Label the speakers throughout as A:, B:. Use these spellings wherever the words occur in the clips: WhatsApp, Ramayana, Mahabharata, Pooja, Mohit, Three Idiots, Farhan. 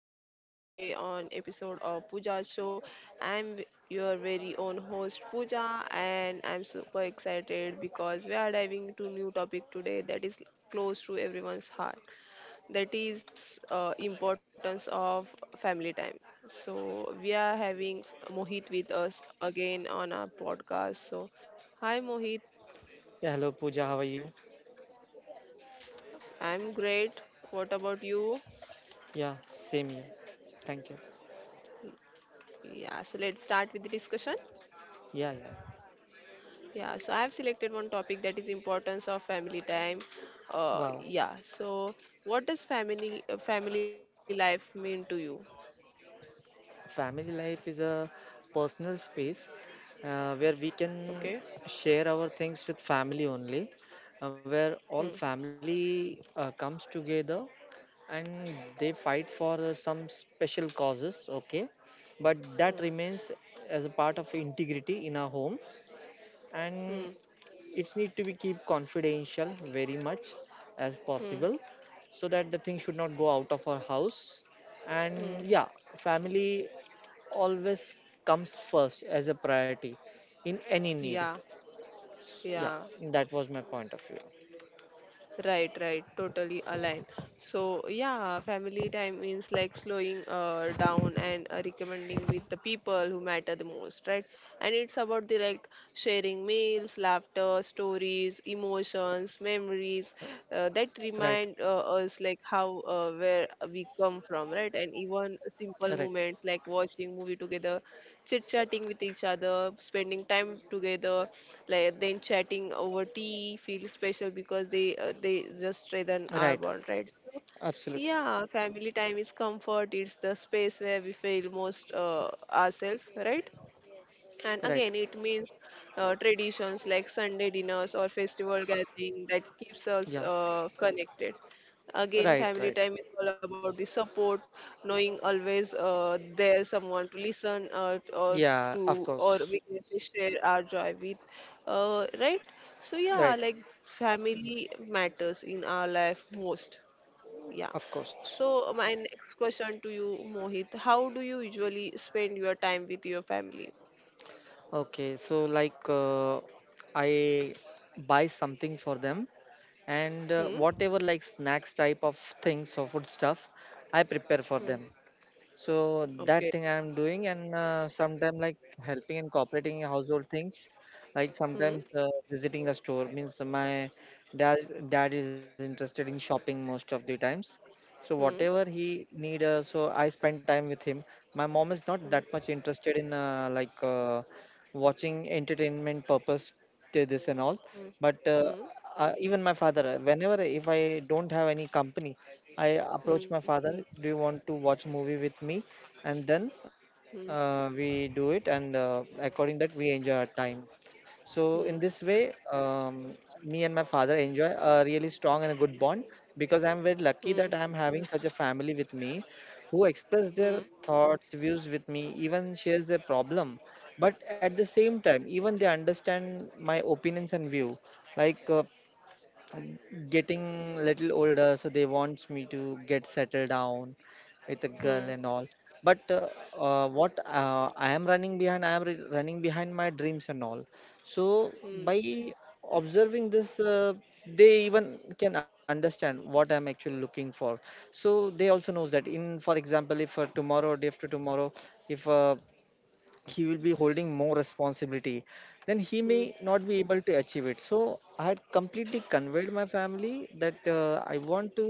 A: So, welcome today on episode of Pooja's show. Your very own host Pooja, and I'm super excited because we are diving into new topic today that is close to everyone's heart. That is importance of family time. So, we are having Mohit with us again on our podcast. So, hi Mohit,
B: Yeah, hello Pooja, how are you?
A: I'm great. What about you?
B: Yeah, same here. Thank you.
A: Yeah, so let's start with the discussion.
B: Yeah, yeah.
A: Yeah, so I have selected one topic that is importance of family time.
B: Wow.
A: Yeah, so what does family life mean to you?
B: Family life is a personal space where we
A: Okay.
B: can share our things with family only, where
A: Hmm.
B: all family comes together, and they fight for some special causes, okay? But
A: Hmm.
B: that remains as a part of integrity in our home, and
A: Hmm.
B: it's need to be keep confidential very much as
A: Hmm.
B: possible, so that the thing should not go out of our house.
A: Hmm.
B: And yeah, family always comes first as a priority in any need.
A: Yeah.
B: Yeah,
A: Yeah.
B: that was my point of view.
A: Right, right, totally aligned. So, yeah, family time means like slowing down and recommending with the people who matter the most, right? And it's about the like sharing meals, laughter, stories, emotions, memories that
B: Right,
A: remind us like how where we come from, right? And even simple
B: right,
A: moments like watching movie together, chit chatting with each other, spending time together, like then chatting over tea feels special because they just strengthen
B: right,
A: our bond, right? So,
B: absolutely.
A: yeah, family time is comfort. It's the space where we feel most ourselves, right? And
B: Right.
A: again it means traditions like Sunday dinners or festival gathering that keeps
B: Yeah.
A: us connected. Again
B: Right, right.
A: family time is all about the support, knowing always there someone to listen or
B: Yeah,
A: to,
B: of
A: or
B: course.
A: we can say share our joy with, right? So yeah,
B: Right,
A: like family matters in our life most, yeah.
B: of course.
A: So my next question to you, Mohit, how do you usually spend your time with your family?
B: Okay, so like I buy something for them, and
A: Hmm?
B: whatever like snacks type of things or food stuff, I prepare for
A: Hmm.
B: them. So that
A: Okay.
B: thing I'm doing, and sometimes like helping and cooperating in household things, like
A: Hmm.
B: sometimes visiting the store, means my dad dad is interested in shopping most of the times. So whatever
A: Hmm.
B: he need, so I spend time with him. My mom is not that much
A: Hmm.
B: interested in like watching entertainment purpose, this and all,
A: Hmm.
B: but
A: Hmm.
B: even my father, whenever if I don't have any company, I approach
A: Hmm.
B: my father, do you want to watch movie with me? And then
A: Hmm.
B: we do it, and according that we enjoy our time. So in
A: Hmm. Hmm.
B: this way, me and my father enjoy a really strong and a good bond, because I'm very lucky that I'm having such a family with me, who express their
A: Hmm.
B: thoughts, views with me, even shares their problem. But at the same time, even they understand my opinions and view. Like getting little older, so they wants me to get settled down with a girl
A: Hmm.
B: and all. But what I am running behind my dreams and all. So
A: Hmm.
B: by observing this, they even can understand what I'm actually looking for. So they also knows that in, for example, if tomorrow, day after tomorrow, if he will be holding more responsibility, then he
A: Hmm.
B: may not be able to achieve it. So I had completely conveyed my family that I want to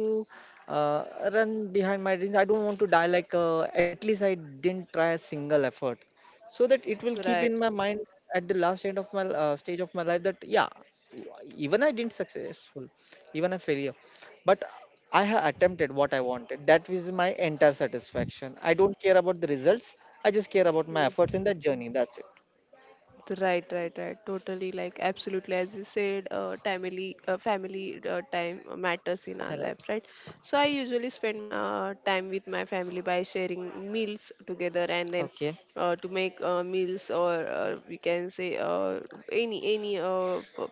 B: uh, run behind my dreams. I don't want to die like at least I didn't try a single effort, so that it will
A: Right.
B: keep in my mind at the last end of my stage of my life, that yeah, even I didn't successful, even a failure, but I have attempted what I wanted. That was my entire satisfaction. I don't care about the results. I just care about my efforts
A: Hmm.
B: in that journey. That's it.
A: Right, right, right. Totally, like absolutely, as you said, family, family time matters in our
B: Right.
A: life, right? So I usually spend time with my family by sharing meals together, and then
B: Okay.
A: to make meals, or we can say any any uh, p-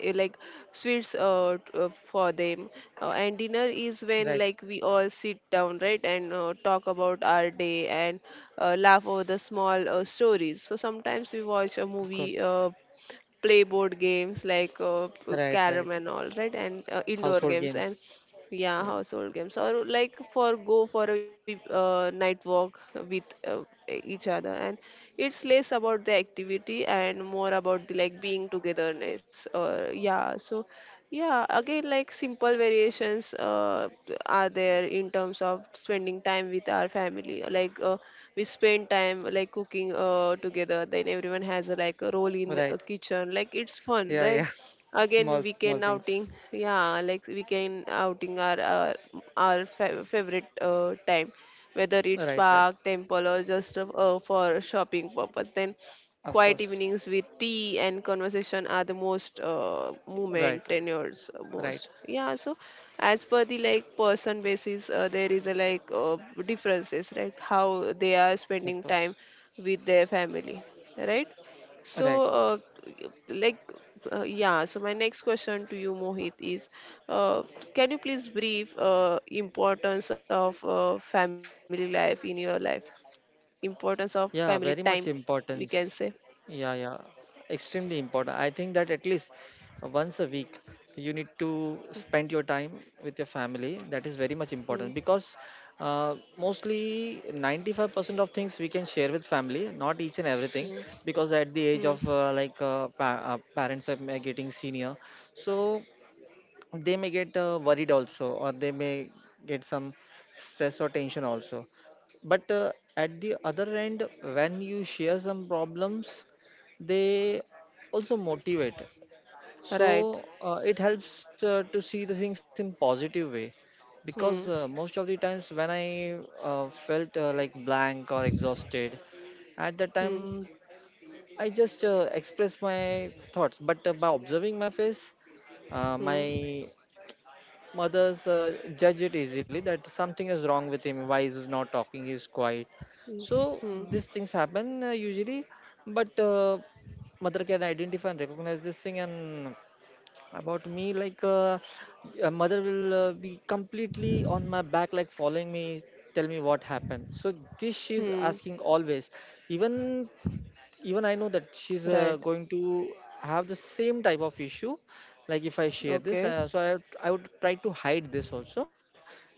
A: like sweets for them, and dinner is
B: Right.
A: when like we all sit down, right, and talk about our day and laugh over the small stories. So sometimes we watch a
B: Of course.
A: movie, play board games like
B: Right, right.
A: carom and all, right, and indoor
B: Household
A: games and
B: games.
A: yeah,
B: Yeah.
A: household games, or like for go for a night walk with each other, and it's less about the activity and more about the like being togetherness, or yeah. So yeah, again, like simple variations are there in terms of spending time with our family. We spend time like cooking together. Then everyone has a, like a role in the
B: Right.
A: kitchen. Like it's fun,
B: Yeah,
A: right?
B: yeah.
A: Again,
B: Small, small
A: weekend
B: things.
A: outing. Yeah, like weekend outing are our fa favorite time, whether it's
B: Right, right.
A: park, temple, or just for shopping purpose. Then
B: Of
A: quiet
B: course.
A: evenings with tea and conversation are the most movement
B: Right, right,
A: tenures
B: right.
A: most. Yeah, so as per the like person basis, there is a like differences, right? How they are
B: Of course.
A: spending time with their family, right?
B: Right.
A: So, like, yeah, so my next question to you, Mohit, is uh, can you please brief importance of family life in your life? Importance of
B: Yeah, very
A: family
B: much
A: time, we
B: importance.
A: can say.
B: Yeah, yeah, extremely important. I think that at least once a week you need to spend your time with your family. That is very much
A: Hmm,
B: important, because mostly 95% of things we can share with family, not each and
A: hmm,
B: everything, because at the
A: hmm.
B: age of like pa parents are getting senior, so they may get worried also, or they may get some stress or tension also. But at the other end, when you share some problems, they also motivate.
A: Right.
B: So it helps to see the things in positive way, because
A: Hmm,
B: most of the times when I felt like blank or exhausted, at that
A: hmm,
B: time I just expressed my thoughts, but by observing my face, my
A: hmm,
B: mothers judge it easily that something is wrong with him. Why is he not talking? He's quiet.
A: hmm,
B: So
A: hmm,
B: these things happen usually, but mother can identify and recognize this thing. And about me, like a mother will be completely on my back, like following me, tell me what happened. So this she's
A: hmm.
B: asking always, even even I know that she's
A: Right.
B: going to have the same type of issue. Like if I share this,
A: Okay.
B: so I would try to hide this also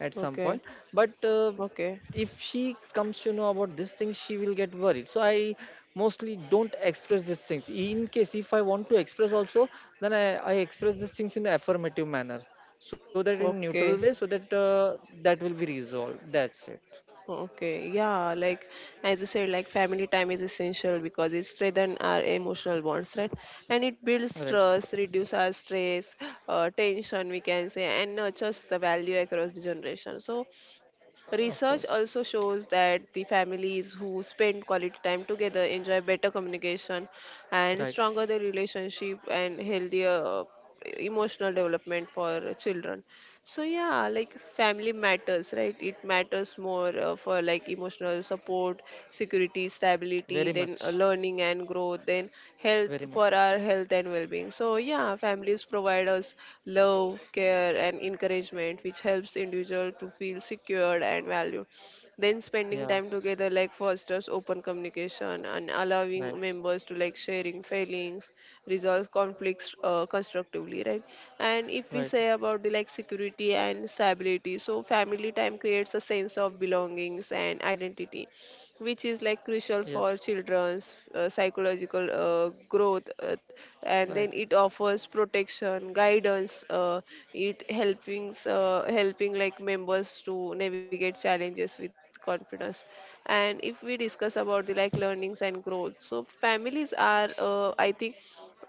B: at some
A: Okay.
B: point. But
A: Okay.
B: if she comes to know about this thing, she will get worried. So I mostly don't express these things. In case if I want to express also, then I express these things in affirmative manner, so that in neutral
A: Okay.
B: way, so that that will be resolved. That's it.
A: Okay, yeah, like as you said, like family time is essential because it strengthens our emotional bonds, right? And it builds
B: Right.
A: trust, reduces our stress, tension, we can say, and nurtures the value across the generation. So,
B: Of
A: research
B: course.
A: also shows that the families who spend quality time together enjoy better communication and
B: Right.
A: stronger the relationship and healthier emotional development for children. So yeah, like family matters, right? It matters more for like emotional support, security, stability,
B: Very
A: then
B: much.
A: learning and growth, then health
B: Very
A: for our
B: much.
A: health and well-being. So yeah, families provide us love, care, and encouragement, which helps individual to feel secured and valued. Then spending time
B: Yeah.
A: together like fosters open communication and allowing
B: Right,
A: members to like sharing feelings, resolve conflicts constructively, right. And if we
B: right,
A: say about the like security and stability, so family time creates a sense of belongings and identity, which is like crucial for
B: yes,
A: children's psychological growth, and then
B: right,
A: it offers protection guidance, it helping like members to navigate challenges with confidence. And if we discuss about the like learnings and growth, so families are I think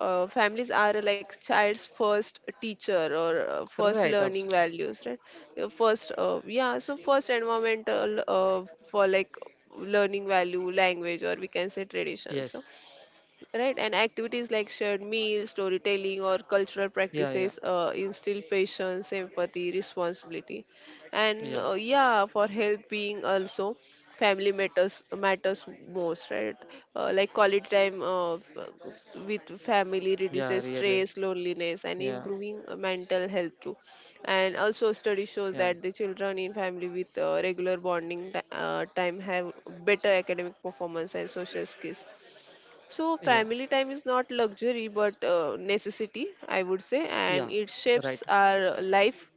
A: families are like child's first teacher, or first
B: right,
A: learning
B: absolutely,
A: values, right. First yeah so first environmental for like learning value language, or we can say tradition. So
B: yes,
A: right, and activities like shared meals, storytelling, or cultural
B: yeah,
A: practices
B: yeah,
A: instill patience, empathy, responsibility, and
B: yeah,
A: uh, yeah, for health being also family matters most, right. Like quality time with family reduces
B: yeah, really,
A: stress, loneliness, and
B: yeah,
A: improving mental health too. And also study
B: yeah,
A: shows that the children in family with regular bonding time have better academic performance and social skills. So,
B: yeah,
A: family time is not luxury but necessity, I would say,
B: yeah,
A: and it
B: right,
A: shapes our life,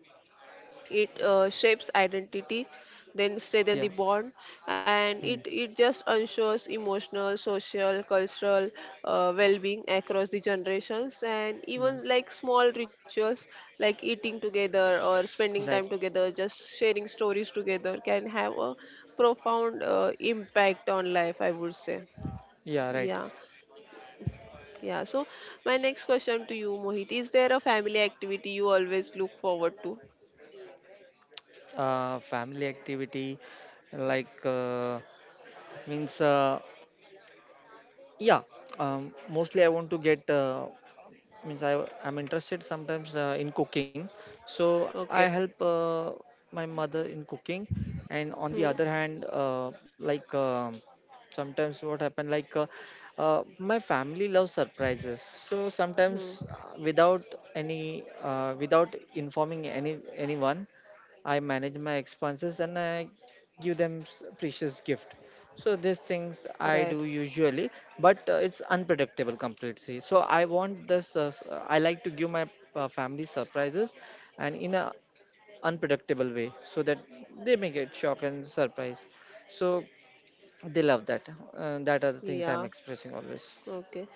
A: it shapes identity, then strengthen
B: yeah,
A: the bond, and it,
B: hmm,
A: it just ensures emotional, social, cultural well being across the generations, and
B: yeah,
A: even like small rituals like eating together or spending time
B: right,
A: together, just sharing stories together can have a profound impact on life, I would say.
B: yeah, right,
A: Yeah. Yeah, so my next question to you, Mohit, is there a family activity you always look forward to?
B: family activity like means yeah, mostly I want to get means I'm interested sometimes in cooking, so I
A: Okay.
B: help my mother in cooking. And on the other
A: Hmm.
B: hand, like sometimes what happen like my family loves surprises. So
A: Hmm.
B: sometimes without informing anyone, I manage my expenses and I give them precious gift. So these things
A: Right.
B: I do usually, but it's unpredictable completely. So I want this. I like to give my family surprises, and in a unpredictable way, so that they may get shock and surprise. So they love that. That are the things I'm
A: Yeah.
B: expressing always.
A: Okay.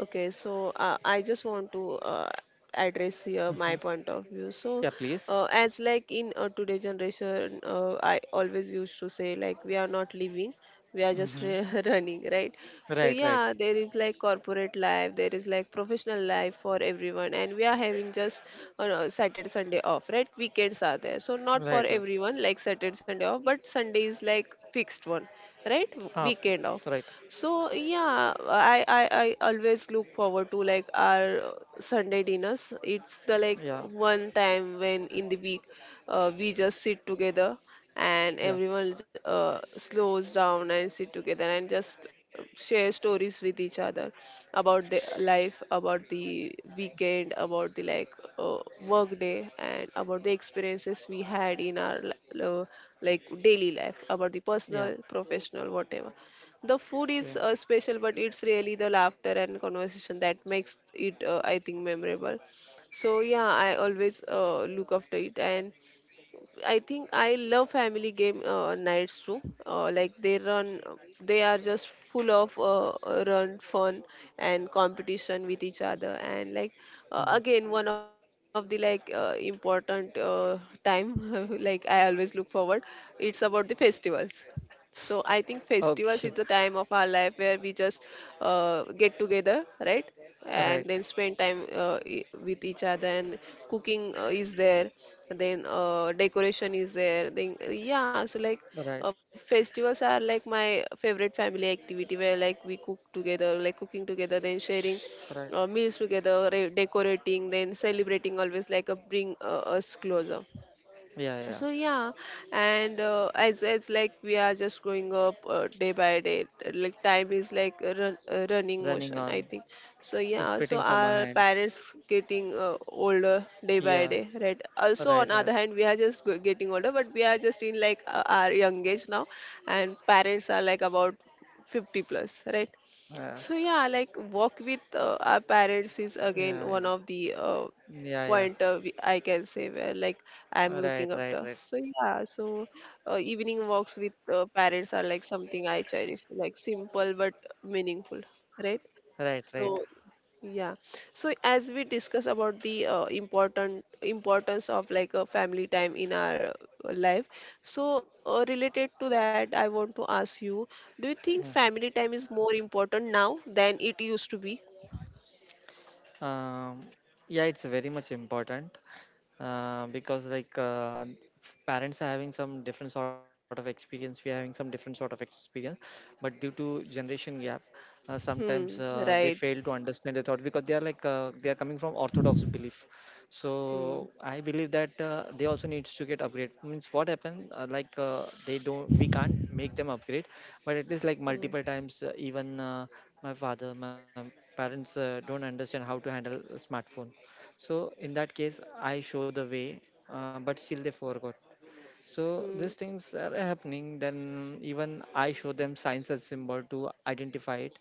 A: Okay, so I just want to address here my
B: Mhm.
A: point of view. So,
B: Yeah, please.
A: as like in today generation, I always used to say like we are not living, we are just
B: Hmm.
A: re- running, right? So
B: Right, right,
A: yeah, there is like corporate life, there is like professional life for everyone, and we are having just no, Saturday Sunday off, right? Weekends are there, so
B: right, right.
A: not for everyone like Saturday Sunday off, but Sunday is like fixed one, right?
B: Ah, of course.
A: Weekend off.
B: Right.
A: So yeah, I always look forward to like our Sunday dinners. It's the like
B: Yeah,
A: one time when in the week we just sit together and
B: yeah,
A: everyone slows down and sit together and just share stories with each other about the life, about the weekend, about the like work day, and about the experiences we had in our like daily life, about the
B: yeah.
A: personal, professional, whatever. The food
B: Yeah.
A: is special, but it's really the laughter and conversation that makes it, I think, memorable. So yeah, I always look after it, and I think I love family game nights too. Like they run, they are just full of run fun and competition with each other, and like
B: Mhm.
A: again one of the like important time like I always look forward. It's about the festivals, so I think festivals is the
B: Okay.
A: time of our life where we just get together, right? And
B: Right,
A: then spend time with each other. And cooking is there, then decoration is there. Then yeah, so like
B: right,
A: festivals are like my favorite family activity where like we cook together, like cooking together, then sharing
B: right.
A: meals together, decorating, then celebrating. Always like a bring us closer.
B: Yeah, yeah.
A: So yeah, and as like we are just growing up day by day, like time is like a run, a running
B: Running
A: motion, I
B: on.
A: think. So
B: It's
A: yeah, so
B: spitting from my
A: our
B: hand.
A: parents getting older day by
B: Yeah,
A: day, right? Also
B: right,
A: on
B: right.
A: other hand, we are just getting older, but we are just in like our young age now, and parents are like about 50 plus, right?
B: Yeah,
A: So yeah, like walk with our parents is
B: yeah,
A: again
B: yeah,
A: one of the
B: yeah, yeah.
A: I can say where like
B: Right,
A: I'm
B: right,
A: looking up
B: right,
A: to. So yeah, so evening walks with parents are like something I cherish, like simple but meaningful, right?
B: right, right.
A: So yeah. So as we discuss about the important importance of like a family time in our life, so related to that, I want to ask you, do you think
B: Mhm.
A: family time is more important now than it used to be?
B: Um, yeah, it's very much important. Because like parents are having some different sort of experience, we are having some different sort of experience, but due to generation gap sometimes
A: Hmm.
B: they
A: Right.
B: fail to understand the thought, because they are coming from orthodox belief. So
A: Hmm.
B: I believe that they also needs to get upgrade, means what happened like they don't we can't make them upgrade. But at least like
A: Hmm.
B: multiple times even my parents don't understand how to handle a smartphone. So in that case, I show the way, but still they forgot. So
A: Hmm.
B: these things are happening. Then even I show them signs and symbol to identify it,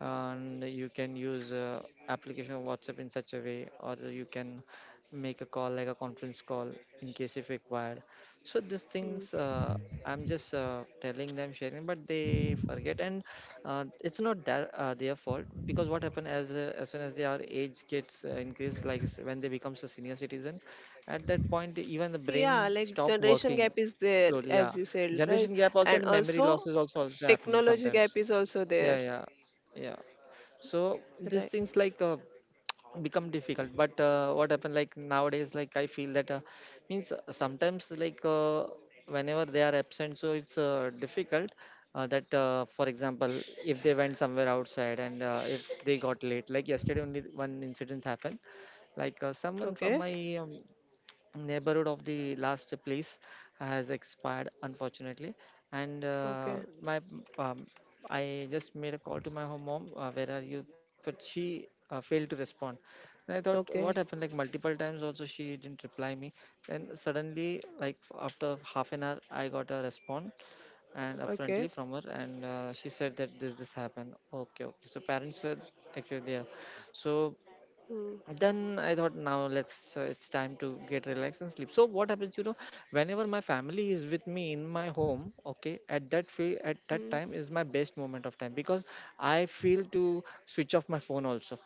B: and you can use application of WhatsApp in such a way, or you can make a call like a conference call in case if required. So these things
A: Hmm.
B: I'm just telling them sharing, but they forget. And it's not that their fault, because what happen, as soon as their age gets increased, like when they becomes a senior citizen, at that point, even the
A: Yeah,
B: brain
A: like
B: stop
A: generation gap
B: working
A: is there,
B: slowly. Yeah,
A: as you said, right?
B: generation gap also,
A: And
B: and memory loss
A: also
B: is also happening
A: technology gap
B: sometimes.
A: is also there,
B: Yeah, yeah, yeah. So these
A: right?
B: things like become difficult, but what happened like nowadays, like I feel that means sometimes like whenever they are absent, so it's difficult that for example, if they went somewhere outside, and if they got late, like yesterday only one incident happened, like someone from
A: Okay.
B: my neighborhood of the last place has expired unfortunately. And
A: Okay.
B: my um, I just made a call to my home mom, where are you? But she failed to respond, and I thought, what happened?
A: Okay.
B: Like multiple times also she didn't reply me. Then suddenly, like after half an hour, I got a response, and
A: Okay.
B: friendly from her, and she said that this happened. Okay, okay. So parents were actually there. So
A: Hmm.
B: then I thought, now let's it's time to get relaxed and sleep. So what happens? Whenever my family is with me in my home, okay, at that
A: Hmm.
B: time is my best moment of time, because I feel to switch off my phone also.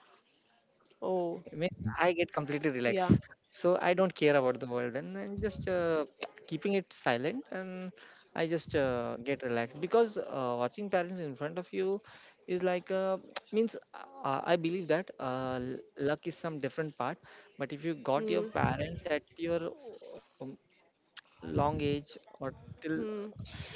A: Oh,
B: I mean, I get completely
A: yeah.
B: relaxed. So I don't care about the world, and I'm just keeping it silent, and I just get relaxed because watching parents in front of you is like means I believe that luck is some different part, but if you got your
A: Hmm.
B: parents at your um, long age or till
A: Hmm.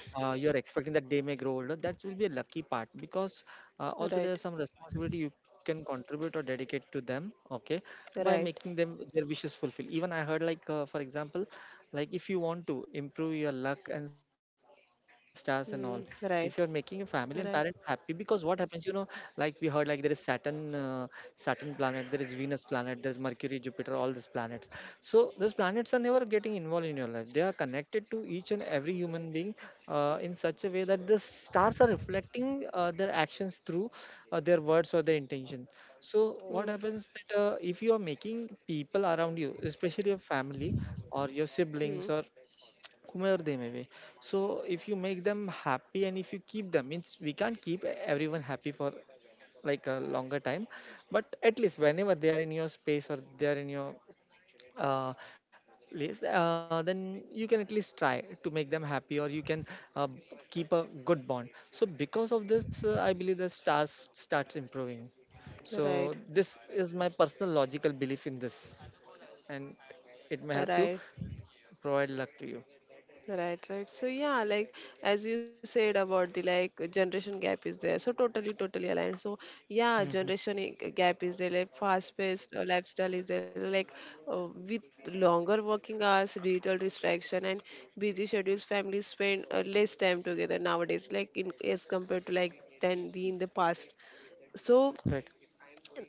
B: you're expecting that they may grow older, that will be a lucky part because also
A: Right.
B: there's some responsibility you can contribute or dedicate to them, okay, by
A: Right.
B: making them their wishes fulfilled. Even I heard, like, for example, like if you want to improve your luck and stars and all, if you're
A: Hmm.
B: making your
A: Right.
B: family and parents happy,
A: Right.
B: because what happens, like we heard, like, there is Saturn, Saturn planet, there is Venus planet, there's Mercury, Jupiter, all these planets. So those planets are never getting involved in your life. They are connected to each and every human being in such a way that the stars are reflecting their actions through their words or their intention. So
A: Hmm.
B: what happens that if you are making people around you, especially your family or your
A: Hmm.
B: siblings or whomever they may be, so if you make them happy and if you keep them, means we can't keep everyone happy for like a longer time, but at least whenever they are in your space or they are in your uh, place, then you can at least try to make them happy, or you can uh, b- keep a good bond. So because of this, I believe the stars starts improving.
A: Right.
B: So this is my personal logical belief in this, and it may help to
A: Right.
B: provide luck to you.
A: Right, right. So yeah, like as you said about the like generation gap is there. So totally, totally aligned. So yeah,
B: Hmm.
A: gap is there. Like fast-paced lifestyle is there. Like with longer working hours, digital distraction, and busy schedules, families spend less time together nowadays, like in as compared to like than the in the past. So
B: Right.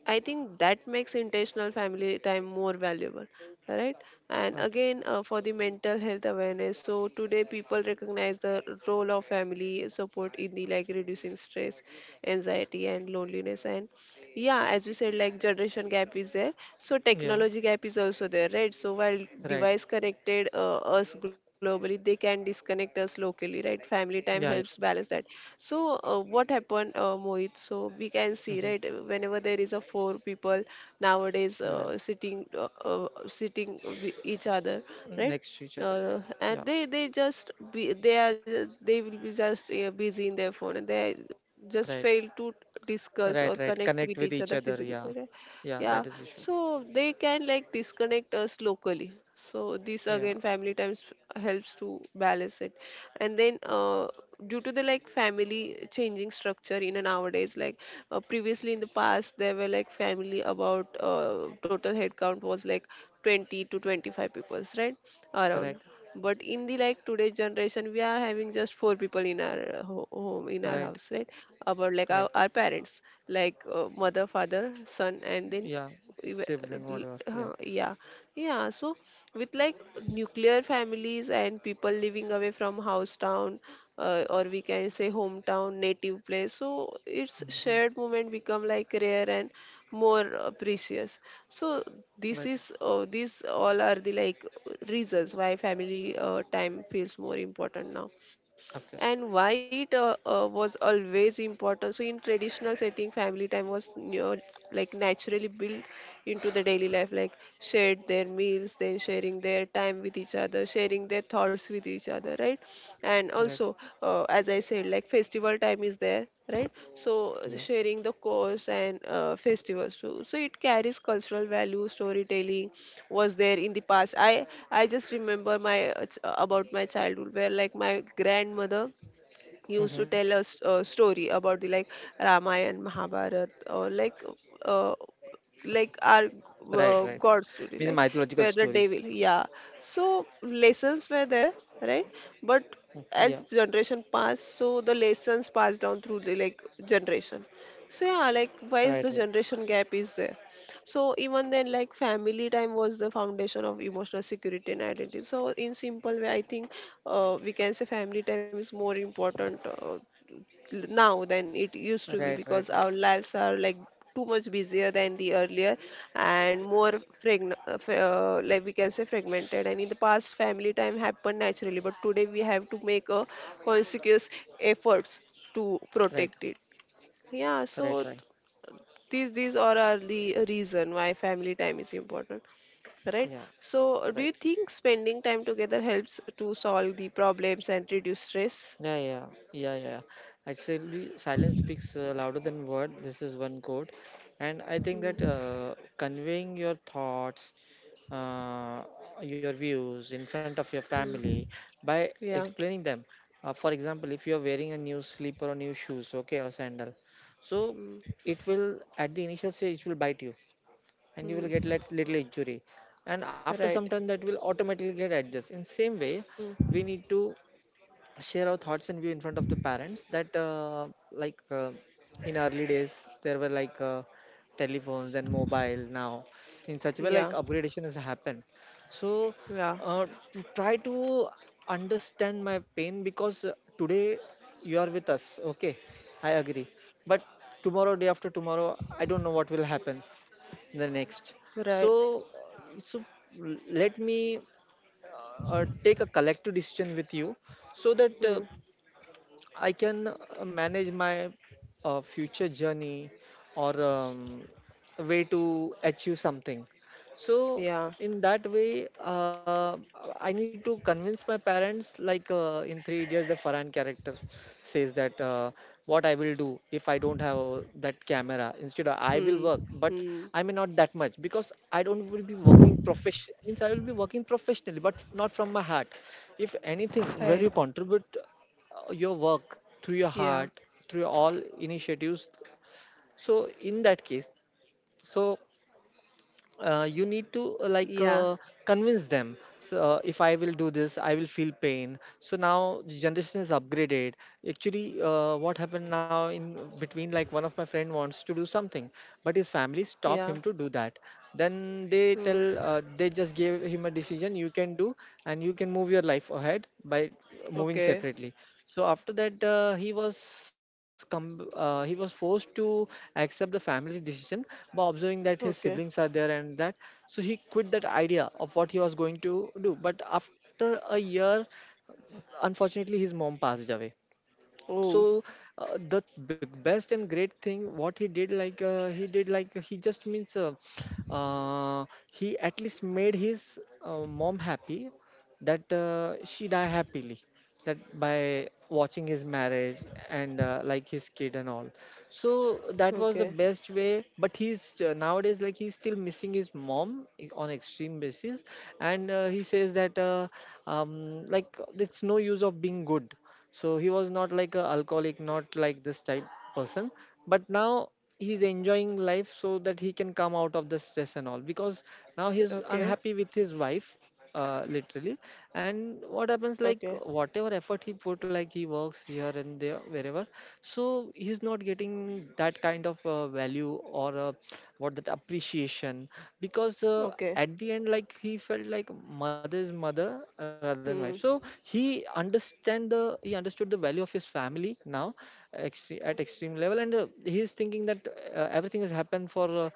A: I think that makes intentional family time more valuable, right? And
B: Right.
A: again, for the mental health awareness, so today people recognize the role of family support in the like reducing stress, anxiety, and loneliness. And yeah, as you said, like generation gap is there. So
B: Yeah.
A: technology gap is also there, right? So while
B: Right.
A: device connected us globally, they can disconnect us locally, right? Family time helps
B: Yeah,
A: balance that. So what happened, Mohit? So we can
B: yeah.
A: see,
B: Hmm.
A: right? Whenever there is a four people nowadays
B: Right.
A: sitting, sitting with each other, right?
B: Next to each other.
A: And
B: Yeah.
A: they just be they are ju- they will be just busy in their phone and they just
B: Right,
A: fail to discuss or
B: right, right,
A: connect with
B: connect
A: each
B: with
A: other
B: each other.
A: physically,
B: Yeah.
A: right?
B: Yeah,
A: Yeah,
B: that is issue.
A: so they can like disconnect us locally, so this
B: Yeah.
A: again family times helps to balance it. And then due to the like family changing structure in a nowadays, like previously in the past there were like family about total headcount was like 20 to 25 peoples, right? Around.
B: Right.
A: But in the like today's generation we are having just four people in our home, in our
B: Right.
A: house, right? About like
B: Right.
A: our parents, like mother, father, son, and then
B: Yeah.
A: ev-
B: Sibling, whatever. Yeah.
A: yeah. Yeah, so with like nuclear families and people living away from house town, or we can say hometown, native place, so its
B: Hmm.
A: shared moment become like rare and more precious. So
B: Right.
A: this is these all are the like reasons why family time feels more important now
B: Of
A: and
B: course.
A: why it was always important. So in traditional setting family time was near like naturally built into the daily life, like shared their meals, then sharing their time with each other, sharing their thoughts with each other, right? And
B: Right.
A: also as I said, like festival time is there, right? So
B: Yeah.
A: sharing the course and festivals too. So it carries cultural value. Storytelling was there in the past. I just remember my about my childhood where like my grandmother used to
B: Hmm.
A: tell us story about the like Ramayana and Mahabharata, or uh, like our
B: Right. Right.
A: god story,
B: Means
A: like
B: mythological
A: where the devil,
B: stories.
A: yeah. So lessons were there, right? But
B: Mm. Yeah.
A: as generation passed, so the lessons passed down through the like generation. So yeah, like
B: Right.
A: why is
B: Right.
A: the generation gap is there. So even then, like family time was the foundation of emotional security and identity. So in simple way, I think we can say family time is more important now than it used to be
B: Right. Right.
A: because
B: Right.
A: our lives are like too much busier than the earlier and more like we can say fragmented. And in the past family time happened naturally, but today we have to make a conscious efforts to
B: Right.
A: protect it. Yeah,
B: Right.
A: so
B: Right.
A: these are the reason why family time is important, right?
B: Yeah.
A: So do you
B: Right.
A: think spending time together helps to solve the problems and reduce stress?
B: Yeah. Yeah. Yeah. Yeah. Actually, silence speaks louder than word. This is one quote, and I think that
A: mm,
B: conveying your thoughts, uh, your views in front of your family
A: mm,
B: by
A: yeah.
B: explaining them. For example, if you are wearing a new slipper or new shoes, okay, or sandal, so
A: mm,
B: it will, at the initial stage, it will bite you, and you will get
A: mm,
B: like little injury, and after some
A: right.
B: time that will automatically get adjusted. In same way, we
A: mm,
B: need to share our thoughts and view in front of the parents that, in early days there were like telephones, then mobile now. In such a way, like
A: yeah.
B: upgradation has happened. So
A: Yeah,
B: uh, to try to understand my pain, because today you are with us, okay, I agree, but tomorrow, day after tomorrow, I don't know what will happen the next. So
A: right.
B: so let me take a collective decision with you, so that
A: mm,
B: I can manage my future journey or way to achieve something. So
A: yeah.
B: in that way, I need to convince my parents. Like in Three Idiots, the Farhan character says that what I will do if I don't have that camera. Instead, I will
A: mm,
B: work, but
A: mm,
B: I may not that much, because I don't will be working profession, means I will be working professionally, but not from my heart. If anything, where
A: right.
B: you contribute your work through
A: Yeah,
B: your heart, through all initiatives, so in that case, so you need to
A: yeah,
B: convince them. So if I will do this, I will feel pain. So now the generation is upgraded. Actually, what happened now, in between, like one of my friend wants to do something, but his family
A: yeah.
B: stop him to do that. Then they
A: mm,
B: tell, they just gave him a decision: you can do, and you can move your life ahead by moving
A: okay.
B: separately. So after that, he was com- he was forced to accept the family's decision by observing that his siblings
A: Okay,
B: are there and that. So he quit that idea of what he was going to do. But after a year, unfortunately, his mom passed away.
A: oh,
B: So the best and great thing what he did, like he did, like he just means, uh, he at least made his mom happy, that she die happily, that by watching his marriage and like his kid and all. So that
A: okay
B: was the best way, but he's nowadays, like he's still missing his mom on extreme basis. And he says that like it's no use of being good. So he was not like a alcoholic, not like this type person, but now he's enjoying life so that he can come out of the stress and all, because
A: okay,
B: now he's
A: okay,
B: unhappy with his wife, literally. And what
A: okay,
B: happens, like whatever effort he put, like he works here and there, wherever, so he's not getting that kind of value or what, that appreciation, because
A: okay.
B: at the end, like he felt like mother's mother rather than wife. So
A: mm,
B: he understand the he understood the value of his family now, at extreme level, and he is thinking that everything has happened for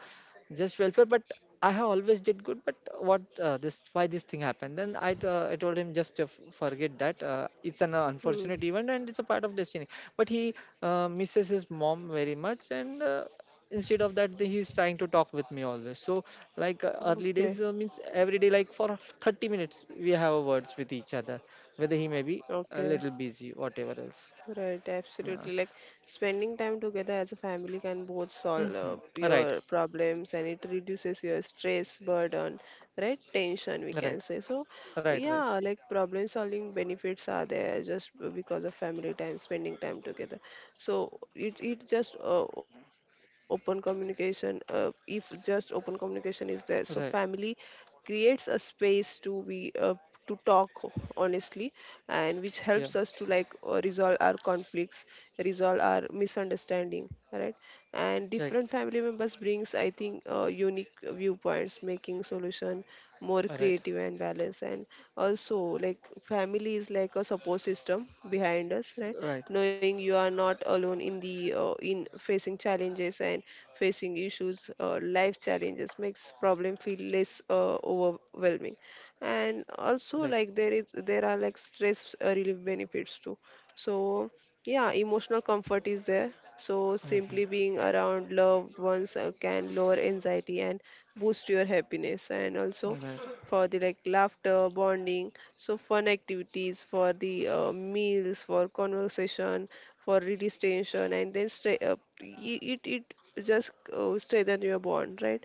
B: just welfare. But I have always did good. But what, this why this thing happened? Then I told him, just forget that. It's an
A: mm.
B: unfortunate event and it's a part of destiny. But he misses his mom very much. And. Instead of that, he's trying to talk with me always. So like early
A: Okay,
B: days, means every day, like for 30 minutes we have a words with each other, whether he may be a
A: okay,
B: little busy, whatever else.
A: right,
B: Uh,
A: absolutely. Like spending time together as a family can both solve
B: mm-hmm. Right.
A: your problems and it reduces your stress, burden, right? Tension, we can
B: Right.
A: say. So,
B: Right. Right.
A: yeah, like problem solving benefits are there just because of family time, spending time together. So it just open communication. If just open communication is there, so family
B: Right.
A: creates a space to be to talk honestly, and which helps
B: Yeah.
A: us to like resolve our conflicts, resolve our misunderstanding, right? And
B: Right.
A: different family members brings, I think, unique viewpoints making solution more
B: Right.
A: creative and balanced. And also, like family is like a support system behind us, right?
B: Right.
A: Knowing you are not alone in the in facing challenges and facing issues, life challenges, makes problem feel less overwhelming. And also
B: Right.
A: like there are like stress relief benefits too. So yeah, emotional comfort is there. So simply
B: Mm-hmm.
A: being around loved ones can lower anxiety and boost your happiness. And also
B: Right.
A: for the like laughter bonding, so fun activities for the meals, for conversation, for release tension, and then it it just strengthen your bond, right?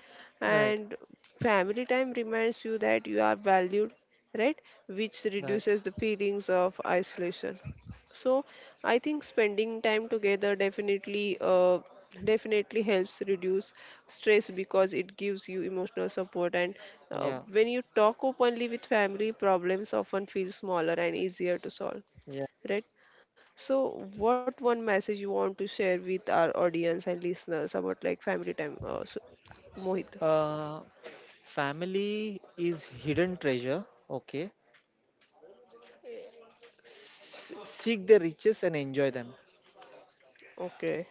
B: Right.
A: And family time reminds you that you are valued, right? Which
B: Right.
A: reduces the feelings of isolation. So I think spending time together definitely definitely helps reduce stress, because it gives you emotional support. And
B: Yeah.
A: when you talk openly with family, problems often feel smaller and easier to solve,
B: Yeah.
A: right? So what one message you want to share with our audience and listeners about like family time, so, Mohit?
B: uh, Family is hidden treasure. Okay. Seek the riches and enjoy them.
A: Okay,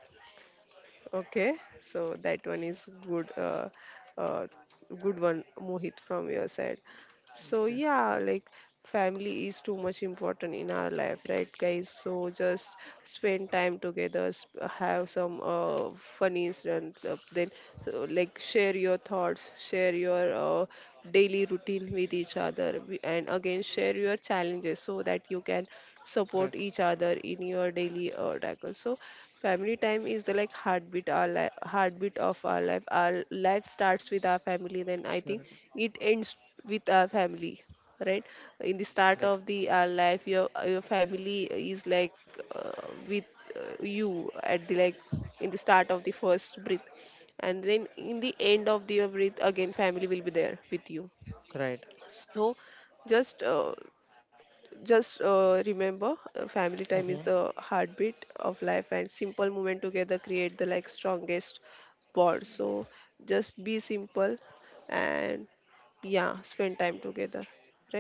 A: okay. So that one is good, uh, good one, Mohit, from your side. So
B: Okay.
A: yeah, like family is too much important in our life, right, guys? So just spend time together, have some funny incident, then, so, like share your thoughts, share your daily routine with each other, and again share your challenges so that you can
B: Right.
A: support each other in your daily tackle. So family time is the like heartbeat of our life. Our life starts with our family, then I
B: Sure.
A: think it ends with our family, right? In the start
B: Right.
A: of the our life your family is like with you at the like in the start of the first breath, and then in the end of the your breath again family will be there with you.
B: Right.
A: So just uh, just remember family time is
B: Mm-hmm.
A: the heartbeat of life and simple moment together create the like strongest bond. So just be simple and yeah, spend time together,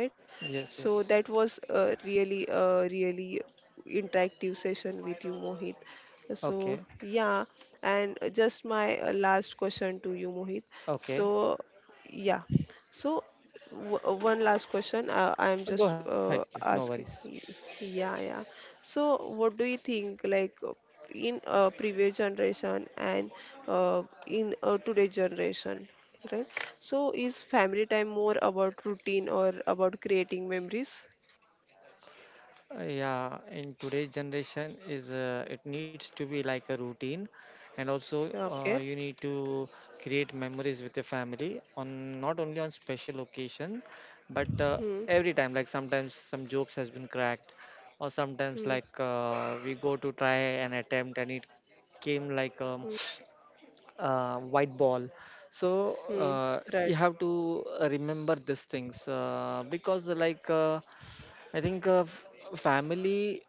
A: right?
B: Yes,
A: So
B: yes.
A: that was a really interactive session with you, Mohit. So
B: Okay.
A: yeah, and just my last question to you, Mohit. So
B: Okay.
A: yeah, so one last question. I'm
B: Go
A: just
B: ahead, please. No worries.
A: asking. Yeah, yeah. So, what do you think? Like in previous generation and in today's generation, right? So, is family time more about routine or about creating memories?
B: Yeah, in today's generation, is it needs to be like a routine, and also
A: Okay.
B: you need to create memories with your family on not only on special occasion, but
A: Hmm.
B: every time, like sometimes some jokes has been cracked, or sometimes
A: Hmm.
B: like we go to try an attempt and it came like
A: Hmm.
B: white ball. So
A: Hmm. Right.
B: you have to remember these things, because like I think family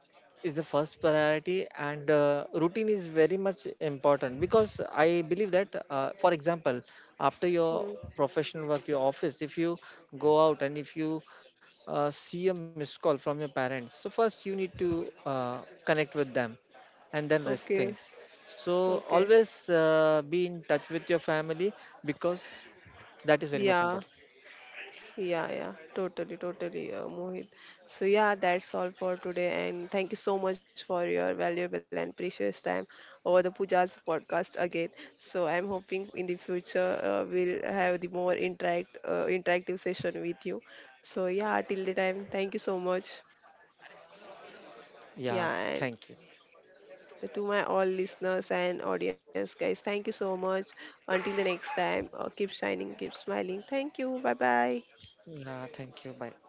B: is the first priority, and routine is very much important because I believe that, for example, after your
A: Hmm.
B: professional work, your office, if you go out, and if you see a missed call from your parents, so first you need to connect with them, and then rest
A: Okay.
B: things. So
A: Okay.
B: always be in touch with your family, because that is very much
A: Yeah.
B: important.
A: Yeah, yeah, totally, totally, Mohit. So, yeah, that's all for today. And thank you so much for your valuable and precious time over the Puja's podcast again. So, I'm hoping in the future we'll have the more interactive session with you. So, yeah, till the time, thank you so much.
B: Yeah,
A: Yeah, and
B: thank you.
A: to my all listeners and audience, guys, thank you so much. Until the next time, keep shining, keep smiling. Thank you. Bye bye.
B: Yeah, thank you. Bye.